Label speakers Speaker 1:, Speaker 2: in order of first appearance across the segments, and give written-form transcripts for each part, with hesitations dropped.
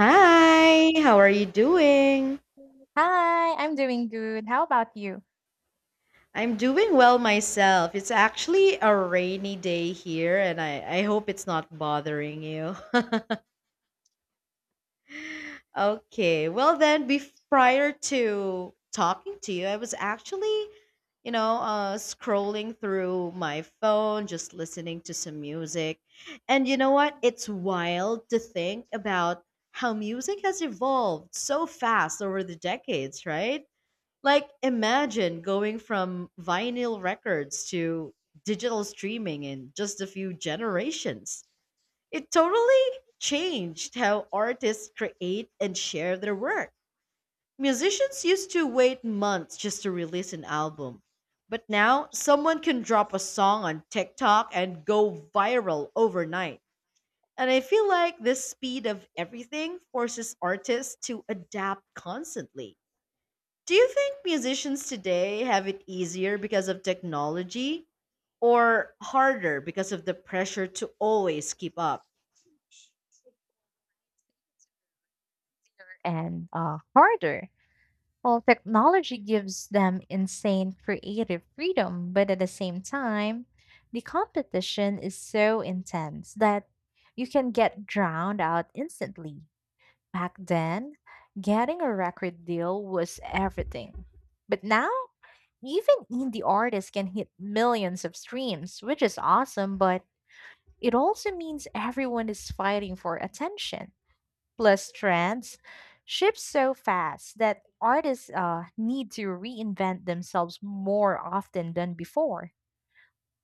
Speaker 1: Hi, how are you doing?
Speaker 2: Hi, I'm doing good. How about you?
Speaker 1: I'm doing well myself. It's actually a rainy day here, and I hope it's not bothering you. Okay, well, then, prior to talking to you, I was actually, scrolling through my phone, just listening to some music. And you know what? It's wild to think about how music has evolved so fast over the decades, right? Like, imagine going from vinyl records to digital streaming in just a few generations. It totally changed how artists create and share their work. Musicians used to wait months just to release an album, but now someone can drop a song on TikTok and go viral overnight. And I feel like this speed of everything forces artists to adapt constantly. Do you think musicians today have it easier because of technology, or harder because of the pressure to always keep up?
Speaker 2: And Harder. Well, technology gives them insane creative freedom, but at the same time, the competition is so intense that you can get drowned out instantly. Back then, getting a record deal was everything. But now, even indie artists can hit millions of streams, which is awesome, but it also means everyone is fighting for attention. Plus, trends shift so fast that artists need to reinvent themselves more often than before.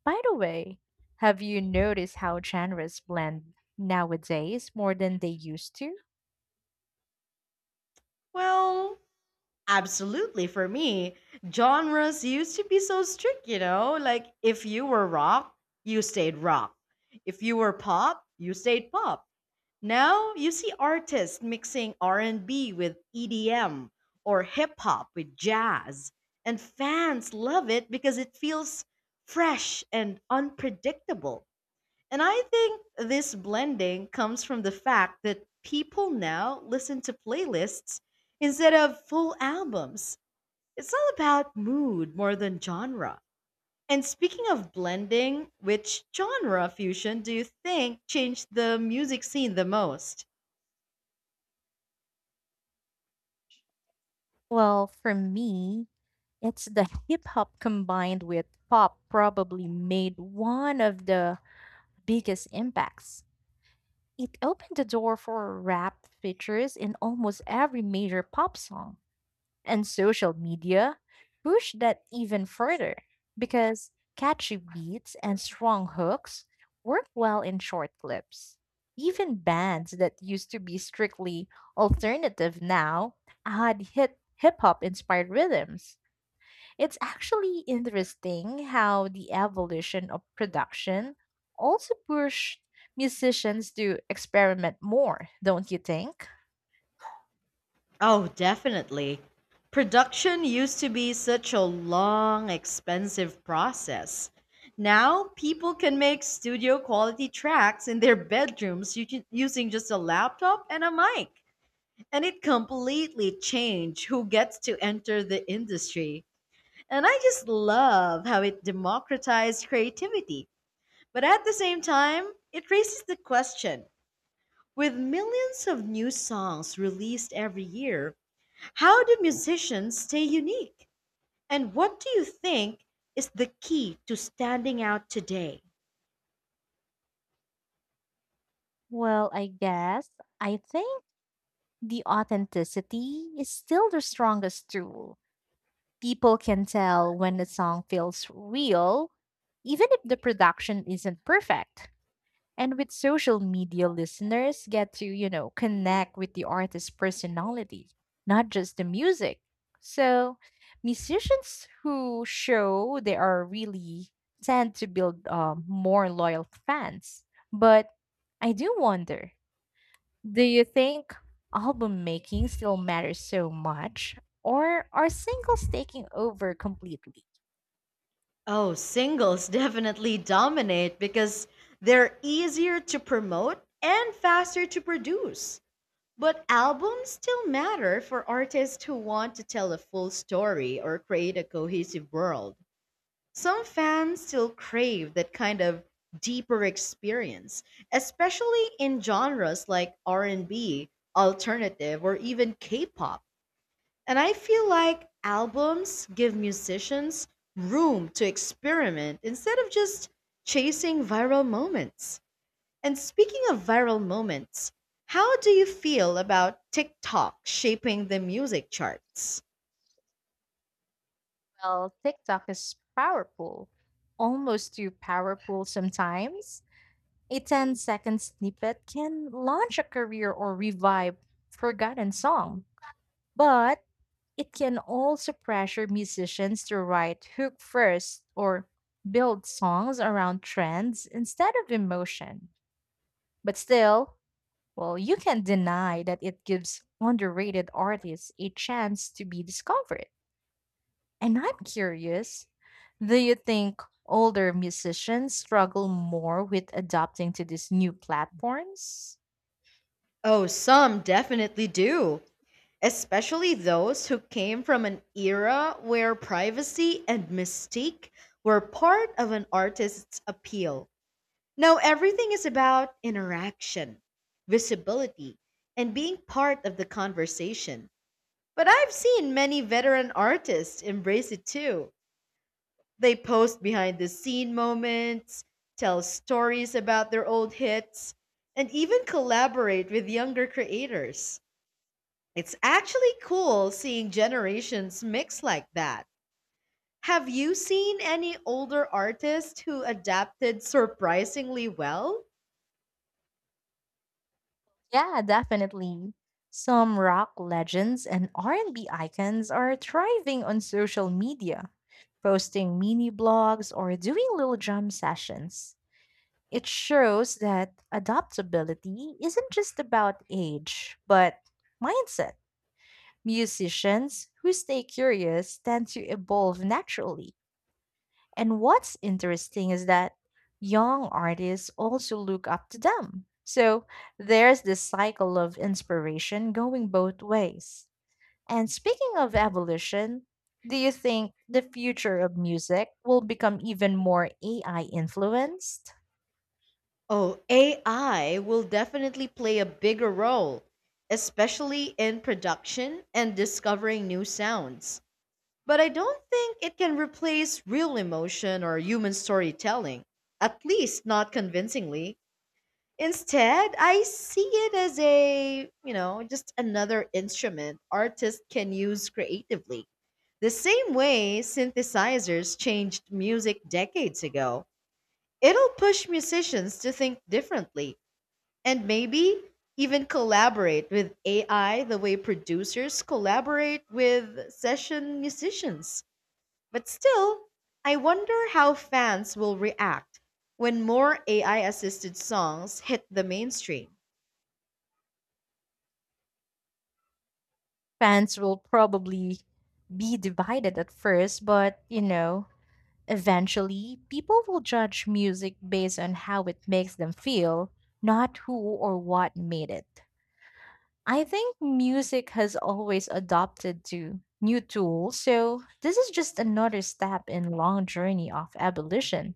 Speaker 2: By the way, have you noticed how genres blend nowadays more than they used to?
Speaker 1: Well, absolutely for me. Genres used to be so strict, you know? Like if you were rock, you stayed rock. If you were pop, you stayed pop. Now you see artists mixing R&B with EDM or hip hop with jazz, and fans love it because it feels fresh and unpredictable. And I think this blending comes from the fact that people now listen to playlists instead of full albums. It's all about mood more than genre. And speaking of blending, which genre fusion do you think changed the music scene the most?
Speaker 2: Well, for me, it's the hip hop combined with pop probably made one of the biggest impacts. It opened the door for rap features in almost every major pop song. And social media pushed that even further because catchy beats and strong hooks work well in short clips. Even bands that used to be strictly alternative now had hit hip hop inspired rhythms. It's actually interesting how the evolution of production also pushed musicians to experiment more, don't you think?
Speaker 1: Oh, definitely. Production used to be such a long, expensive process. Now, people can make studio quality tracks in their bedrooms using just a laptop and a mic. And it completely changed who gets to enter the industry. And I just love how it democratized creativity. But at the same time, it raises the question: with millions of new songs released every year, how do musicians stay unique? And what do you think is the key to standing out today?
Speaker 2: Well, I guess I think the authenticity is still the strongest tool. People can tell when a song feels real, even if the production isn't perfect. And with social media, listeners get to, you know, connect with the artist's personality, not just the music. So, musicians who show they are really tend to build more loyal fans. But I do wonder, do you think album making still matters so much, or are singles taking over completely?
Speaker 1: Oh, singles definitely dominate because they're easier to promote and faster to produce. But albums still matter for artists who want to tell a full story or create a cohesive world. Some fans still crave that kind of deeper experience, especially in genres like R&B, alternative, or even K-pop. And I feel like albums give musicians room to experiment instead of just chasing viral moments. And speaking of viral moments, how do you feel about TikTok shaping the music charts?
Speaker 2: Well, TikTok is powerful, almost too powerful sometimes. A ten-second snippet can launch a career or revive forgotten song, but it can also pressure musicians to write hook first or build songs around trends instead of emotion. But still, well, you can't deny that it gives underrated artists a chance to be discovered. And I'm curious, do you think older musicians struggle more with adapting to these new platforms?
Speaker 1: Oh, some definitely do, especially those who came from an era where privacy and mystique were part of an artist's appeal. Now everything is about interaction, visibility, and being part of the conversation. But I've seen many veteran artists embrace it too. They post behind the scene moments, tell stories about their old hits, and even collaborate with younger creators. It's actually cool seeing generations mix like that. Have you seen any older artists who adapted surprisingly well?
Speaker 2: Yeah, definitely. Some rock legends and R&B icons are thriving on social media, posting mini blogs or doing little jam sessions. It shows that adaptability isn't just about age, but mindset. Musicians who stay curious tend to evolve naturally, and what's interesting is that young artists also look up to them. So there's this cycle of inspiration going both ways. And speaking of evolution, do you think the future of music will become even more AI influenced?
Speaker 1: Oh, AI will definitely play a bigger role, especially in production and discovering new sounds. But I don't think it can replace real emotion or human storytelling, at least not convincingly. Instead, I see it as a, just another instrument artists can use creatively. The same way synthesizers changed music decades ago, it'll push musicians to think differently and maybe even collaborate with AI the way producers collaborate with session musicians. But still, I wonder how fans will react when more AI assisted songs hit the mainstream.
Speaker 2: Fans will probably be divided at first, but you know, eventually people will judge music based on how it makes them feel, not who or what made it. I think music has always adopted to new tools, so this is just another step in long journey of abolition.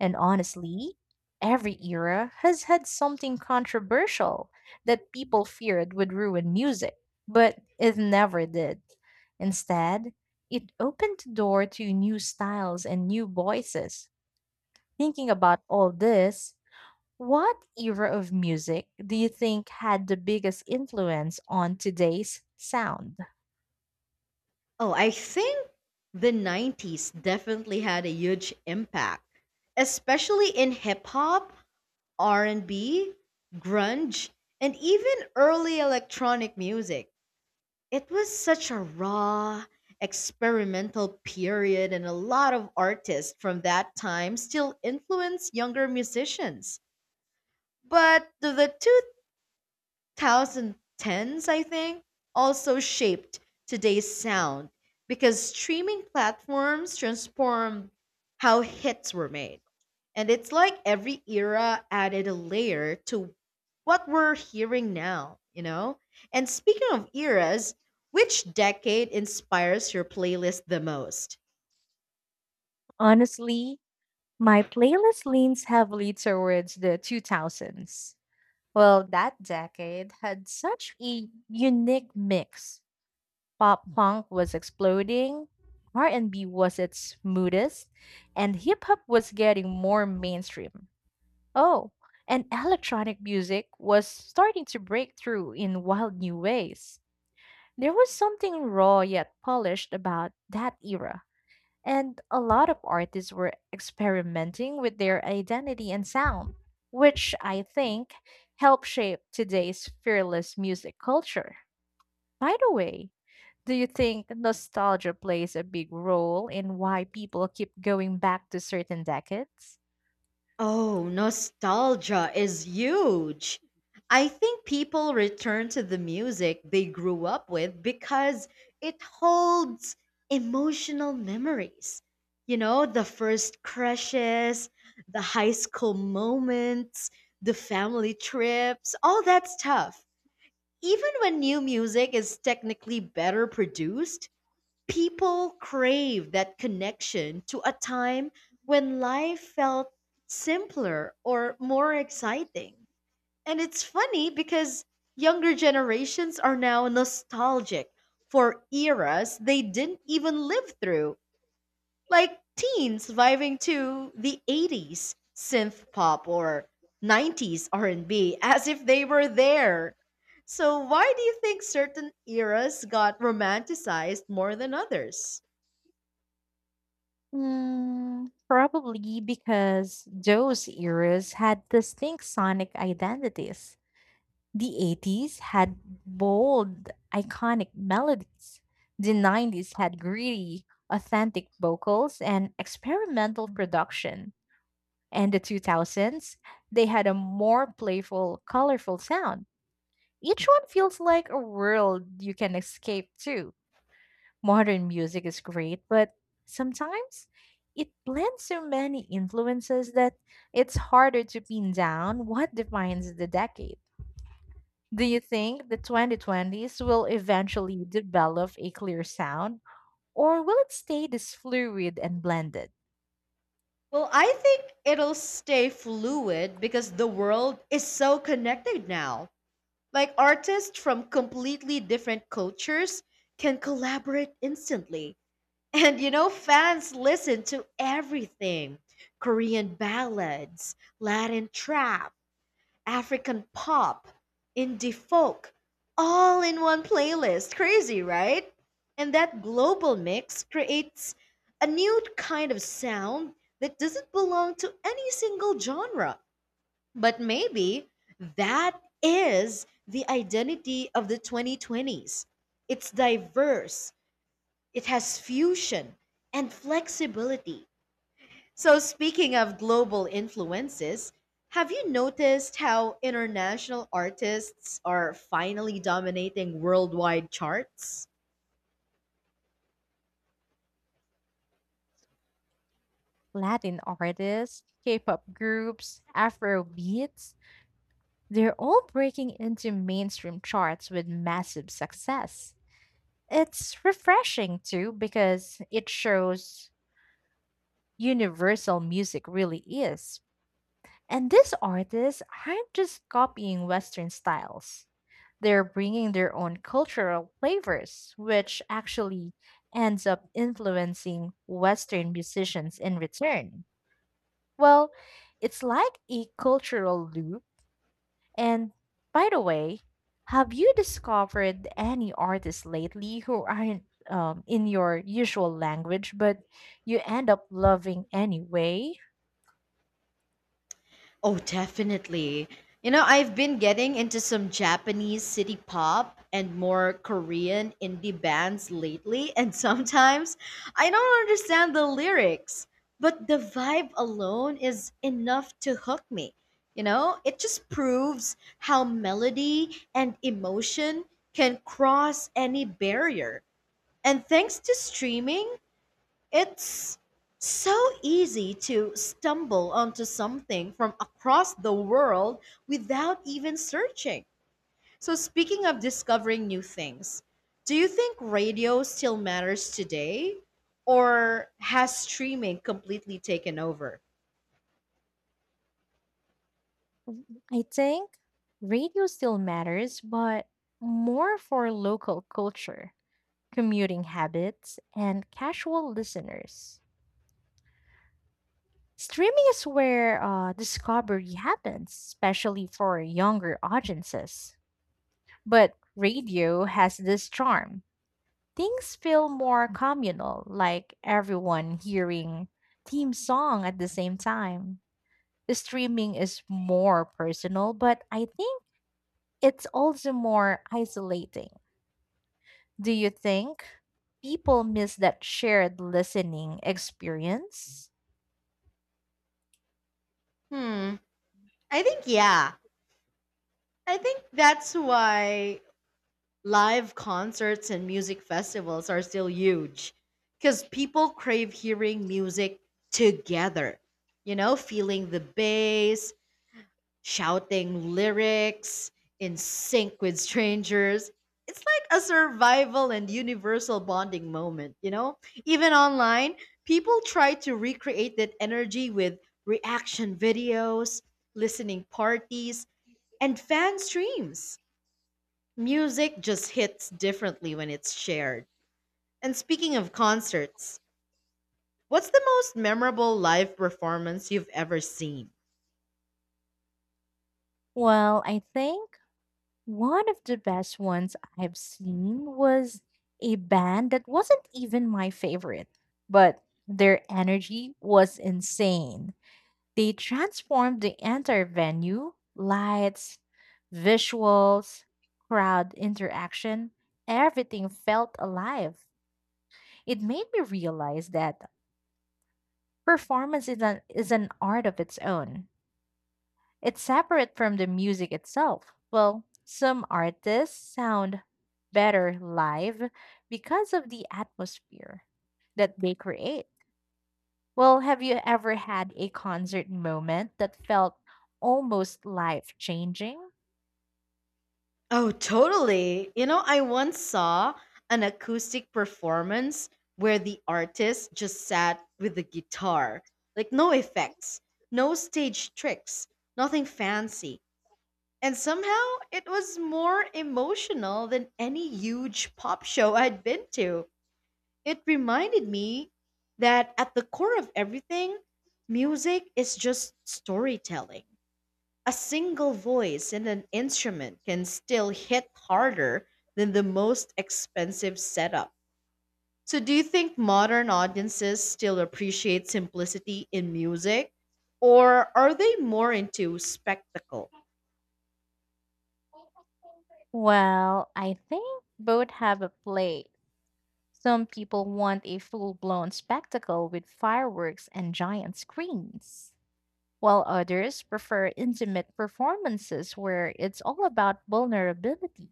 Speaker 2: And honestly, every era has had something controversial that people feared would ruin music, but it never did. Instead, it opened the door to new styles and new voices. Thinking about all this, what era of music do you think had the biggest influence on today's sound?
Speaker 1: Oh, I think the 90s definitely had a huge impact, especially in hip hop, R&B, grunge, and even early electronic music. It was such a raw, experimental period, and a lot of artists from that time still influence younger musicians. But the 2010s, I think, also shaped today's sound because streaming platforms transformed how hits were made. And it's like every era added a layer to what we're hearing now, you know? And speaking of eras, which decade inspires your playlist the most?
Speaker 2: Honestly, my playlist leans heavily towards the 2000s. Well, that decade had such a unique mix. Pop punk was exploding, R&B was its smoothest, and hip hop was getting more mainstream. Oh, and electronic music was starting to break through in wild new ways. There was something raw yet polished about that era, and a lot of artists were experimenting with their identity and sound, which I think helped shape today's fearless music culture. By the way, do you think nostalgia plays a big role in why people keep going back to certain decades?
Speaker 1: Oh, nostalgia is huge. I think people return to the music they grew up with because it holds emotional memories. The first crushes, the high school moments, the family trips, all that stuff. Even when new music is technically better produced, people crave that connection to a time when life felt simpler or more exciting. And it's funny because younger generations are now nostalgic for eras they didn't even live through, like teens vibing to the 80s synth pop or 90s R&B as if they were there. So why do you think certain eras got romanticized more than others?
Speaker 2: Mm, probably because those eras had distinct sonic identities. The 80s had bold, iconic melodies. The 90s had gritty, authentic vocals and experimental production. And the 2000s, they had a more playful, colorful sound. Each one feels like a world you can escape to. Modern music is great, but sometimes it blends so many influences that it's harder to pin down what defines the decade. Do you think the 2020s will eventually develop a clear sound, or will it stay this fluid and blended?
Speaker 1: Well, I think it'll stay fluid because the world is so connected now. Like artists from completely different cultures can collaborate instantly. And you know, fans listen to everything: Korean ballads, Latin trap, African pop, indie folk, all in one playlist. Crazy, right? And that global mix creates a new kind of sound that doesn't belong to any single genre. But maybe that is the identity of the 2020s. It's diverse, it has fusion and flexibility. So, speaking of global influences, have you noticed how international artists are finally dominating worldwide charts?
Speaker 2: Latin artists, K pop groups, Afro beats, they're all breaking into mainstream charts with massive success. It's refreshing too because it shows universal music really is. And these artists aren't just copying Western styles. They're bringing their own cultural flavors, which actually ends up influencing Western musicians in return. Well, it's like a cultural loop. And by the way, have you discovered any artists lately who aren't in your usual language, but you end up loving anyway?
Speaker 1: Oh, definitely. I've been getting into some Japanese city pop and more Korean indie bands lately, and sometimes I don't understand the lyrics, but the vibe alone is enough to hook me. It just proves how melody and emotion can cross any barrier. And thanks to streaming, it's so easy to stumble onto something from across the world without even searching. So, speaking of discovering new things, do you think radio still matters today? Or has streaming completely taken over?
Speaker 2: I think radio still matters, but more for local culture, commuting habits, and casual listeners. Streaming is where discovery happens, especially for younger audiences. But radio has this charm. Things feel more communal, like everyone hearing theme song at the same time. Streaming is more personal, but I think it's also more isolating. Do you think people miss that shared listening experience?
Speaker 1: Hmm, I think, yeah. I think that's why live concerts and music festivals are still huge, because people crave hearing music together, feeling the bass, shouting lyrics in sync with strangers. It's like a survival and universal bonding moment, you know? Even online, people try to recreate that energy with reaction videos, listening parties, and fan streams. Music just hits differently when it's shared. And speaking of concerts, what's the most memorable live performance you've ever seen?
Speaker 2: Well, I think one of the best ones I've seen was a band that wasn't even my favorite, but their energy was insane. They transformed the entire venue, lights, visuals, crowd interaction, everything felt alive. It made me realize that performance is an art of its own. It's separate from the music itself. Well, some artists sound better live because of the atmosphere that they create. Well, have you ever had a concert moment that felt almost life changing?
Speaker 1: Oh, totally. I once saw an acoustic performance where the artist just sat with the guitar. Like, no effects, no stage tricks, nothing fancy. And somehow it was more emotional than any huge pop show I'd been to. It reminded me that at the core of everything, music is just storytelling. A single voice and an instrument can still hit harder than the most expensive setup. So, do you think modern audiences still appreciate simplicity in music? Or are they more into spectacle?
Speaker 2: Well, I think both have a play. Some people want a full blown spectacle with fireworks and giant screens, while others prefer intimate performances where it's all about vulnerability.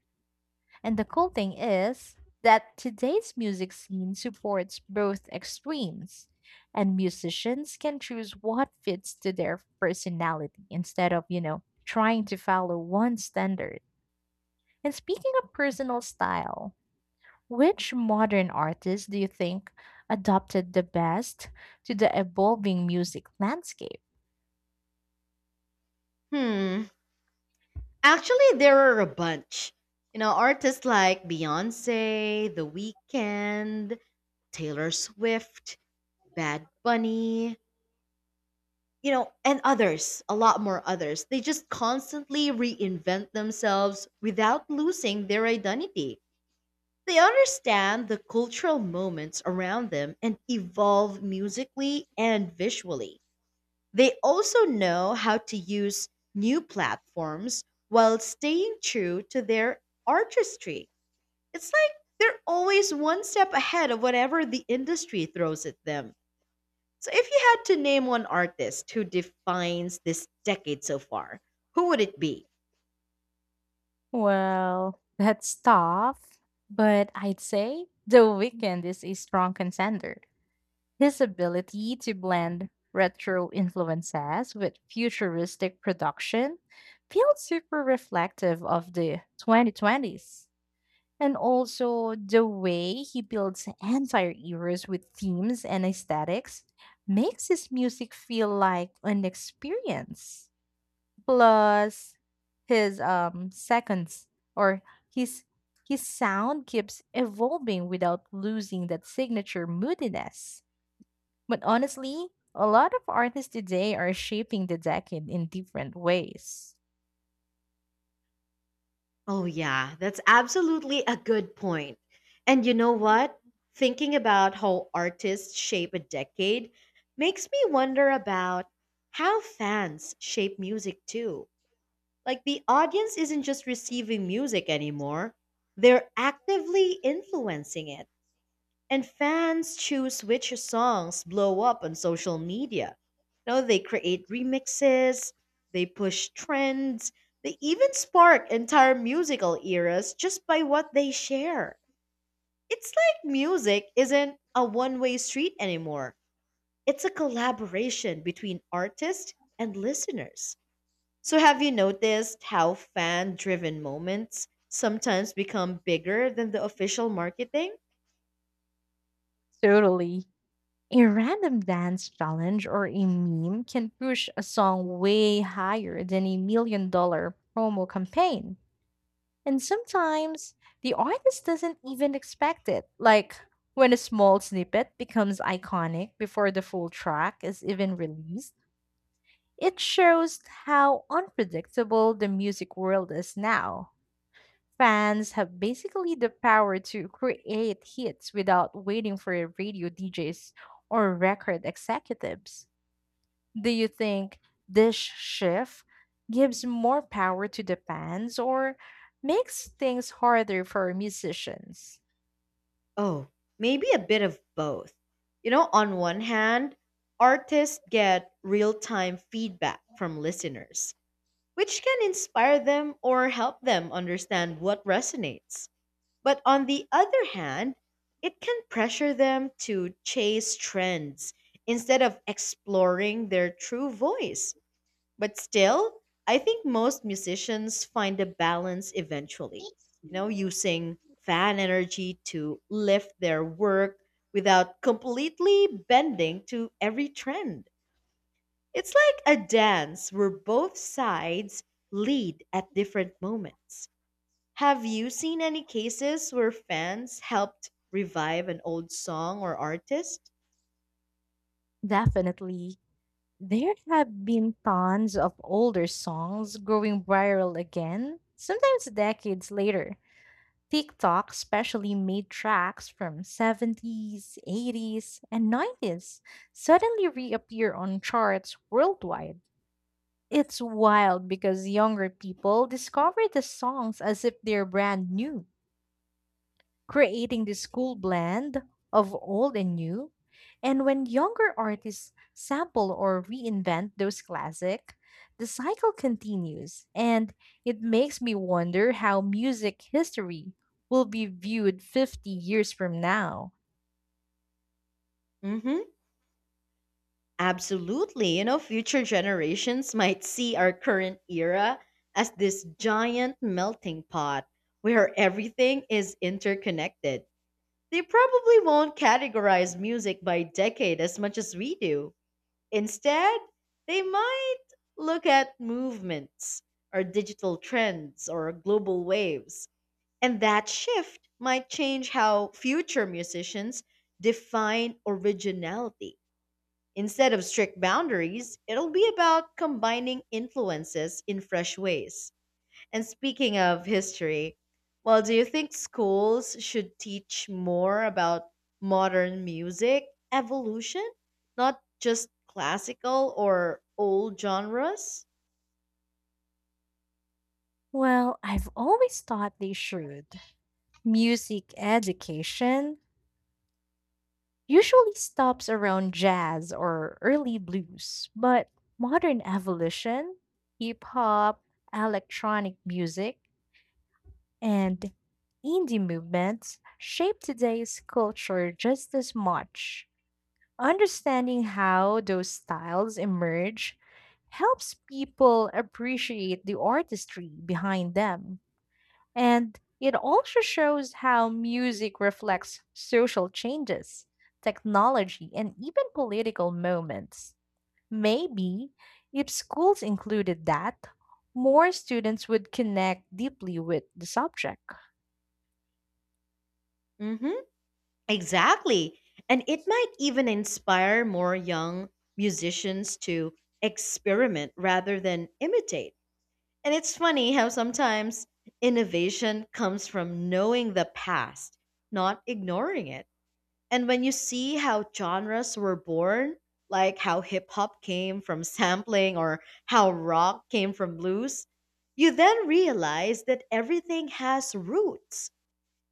Speaker 2: And the cool thing is that today's music scene supports both extremes, and musicians can choose what fits to their personality instead of, you know, trying to follow one standard. And speaking of personal style, which modern artist do you think adopted the best to the evolving music landscape?
Speaker 1: Hmm. Actually, there are a bunch. Artists like Beyonce, The Weeknd, Taylor Swift, Bad Bunny, and others, a lot more others. They just constantly reinvent themselves without losing their identity. They understand the cultural moments around them and evolve musically and visually. They also know how to use new platforms while staying true to their artistry. It's like they're always one step ahead of whatever the industry throws at them. So if you had to name one artist who defines this decade so far, who would it be?
Speaker 2: Well, that's tough, but I'd say The Weeknd is a strong contender. His ability to blend retro influences with futuristic production feels super reflective of the 2020s. And also, the way he builds entire eras with themes and aesthetics makes his music feel like an experience. Plus his seconds or his his sound keeps evolving without losing that signature moodiness. But honestly, a lot of artists today are shaping the decade in different ways.
Speaker 1: Oh yeah, that's absolutely a good point. And you know what? Thinking about how artists shape a decade makes me wonder about how fans shape music too. Like, the audience isn't just receiving music anymore, they're actively influencing it. And fans choose which songs blow up on social media. Now they create remixes, they push trends, they even spark entire musical eras just by what they share. It's like music isn't a one way street anymore, it's a collaboration between artists and listeners. So, have you noticed how fan driven moments sometimes become bigger than the official marketing?
Speaker 2: Totally. A random dance challenge or a meme can push a song way higher than a million dollar promo campaign. And sometimes the artist doesn't even expect it. Like when a small snippet becomes iconic before the full track is even released, it shows how unpredictable the music world is now. Fans have basically the power to create hits without waiting for radio DJs or record executives. Do you think this shift gives more power to the bands or makes things harder for musicians?
Speaker 1: Oh, maybe a bit of both. On one hand, artists get real time feedback from listeners, which can inspire them or help them understand what resonates. But on the other hand, it can pressure them to chase trends instead of exploring their true voice. But still, I think most musicians find a balance eventually, using fan energy to lift their work without completely bending to every trend. It's like a dance where both sides lead at different moments. Have you seen any cases where fans helped revive an old song or artist?
Speaker 2: Definitely. There have been tons of older songs going viral again, sometimes decades later. TikTok especially made tracks from 70s, 80s, and 90s suddenly reappear on charts worldwide. It's wild because younger people discover the songs as if they're brand new, creating this cool blend of old and new. And when younger artists sample or reinvent those classic, the cycle continues. And it makes me wonder how music history will be viewed 50 years from now.
Speaker 1: Mm hmm. Absolutely. Future generations might see our current era as this giant melting pot where everything is interconnected. They probably won't categorize music by decade as much as we do. Instead, they might look at movements or digital trends or global waves. And that shift might change how future musicians define originality. Instead of strict boundaries, it'll be about combining influences in fresh ways. And speaking of history, well, do you think schools should teach more about modern music evolution, not just classical or old genres?
Speaker 2: Well, I've always thought they should. Music education usually stops around jazz or early blues, but modern evolution, hip hop, electronic music, and indie movements shape today's culture just as much. Understanding how those styles emerge helps people appreciate the artistry behind them. And it also shows how music reflects social changes, technology, and even political moments. Maybe if schools included that, more students would connect deeply with the subject.
Speaker 1: Mm-hmm. Exactly. And it might even inspire more young musicians to experiment rather than imitate. And it's funny how sometimes innovation comes from knowing the past, not ignoring it. And when you see how genres were born, like how hip hop came from sampling or how rock came from blues, you then realize that everything has roots.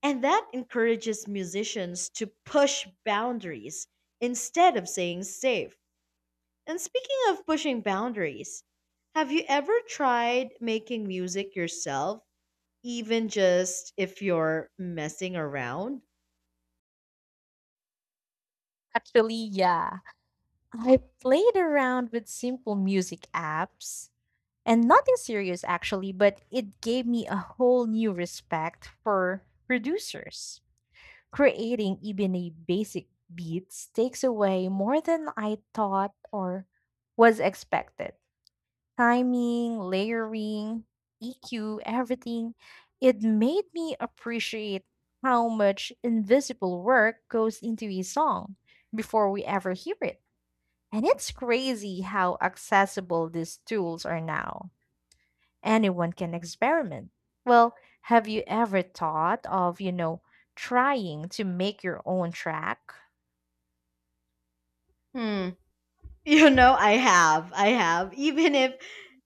Speaker 1: And that encourages musicians to push boundaries instead of saying safe. And speaking of pushing boundaries, have you ever tried making music yourself, even just if you're messing around?
Speaker 2: Actually, yeah. I played around with simple music apps and nothing serious actually, but it gave me a whole new respect for producers. Creating even a basic beats takes away more than I thought or was expected. Timing, layering, EQ, everything. It made me appreciate how much invisible work goes into a song before we ever hear it. And it's crazy how accessible these tools are now. Anyone can experiment. Well, have you ever thought of, you know, trying to make your own track?
Speaker 1: Hmm. I have. I have. Even if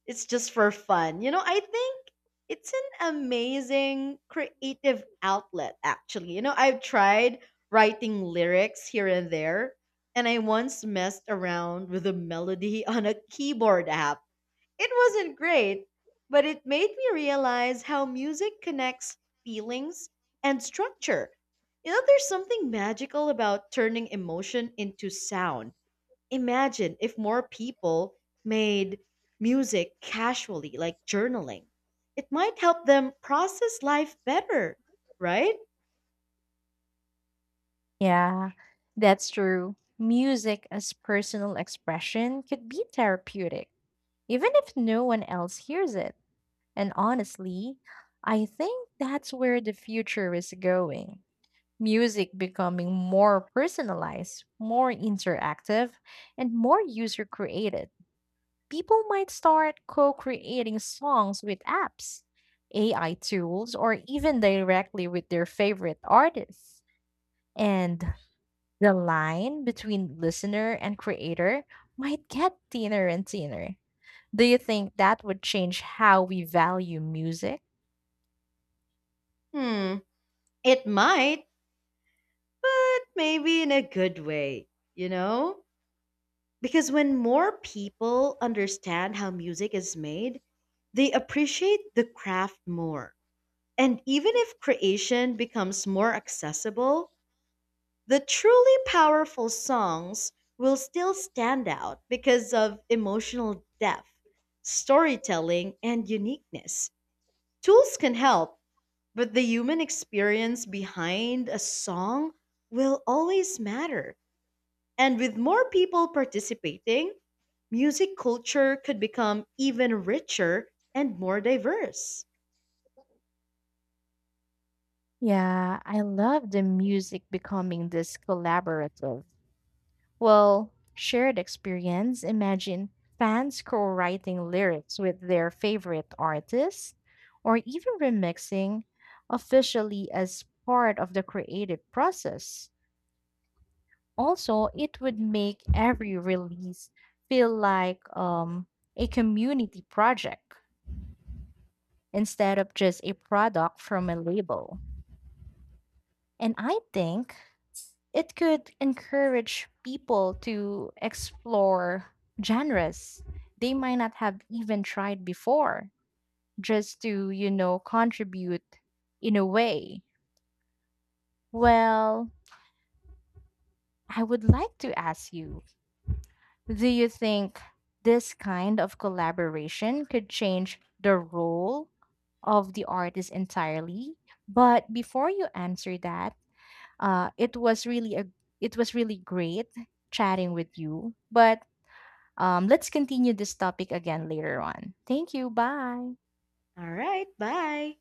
Speaker 1: it's just for fun. I think it's an amazing creative outlet, actually. I've tried writing lyrics here and there, and I once messed around with a melody on a keyboard app. It wasn't great, but it made me realize how music connects feelings and structure. There's something magical about turning emotion into sound. Imagine if more people made music casually, like journaling. It might help them process life better, right?
Speaker 2: Yeah, that's true. Music as personal expression could be therapeutic, even if no one else hears it. And honestly, I think that's where the future is going. Music becoming more personalized, more interactive, and more user created. People might start co creating songs with apps, AI tools, or even directly with their favorite artists. And the line between listener and creator might get thinner and thinner. Do you think that would change how we value music?
Speaker 1: Hmm, it might, but maybe in a good way, you know? Because when more people understand how music is made, they appreciate the craft more. And even if creation becomes more accessible, the truly powerful songs will still stand out because of emotional depth, storytelling, and uniqueness. Tools can help, but the human experience behind a song will always matter. And with more people participating, music culture could become even richer and more diverse.
Speaker 2: Yeah, I love the music becoming this collaborative, well, shared experience. Imagine fans co-writing lyrics with their favorite artists or even remixing officially as part of the creative process. Also, it would make every release feel like a community project instead of just a product from a label. And I think it could encourage people to explore genres they might not have even tried before, just to you know contribute in a way. Well, I would like to ask you, do you think this kind of collaboration could change the role of the artist entirely? But before you answer that, uh, it was really a it was really great chatting with you, but let's continue this topic again later on. Thank you. Bye.
Speaker 1: All right, bye.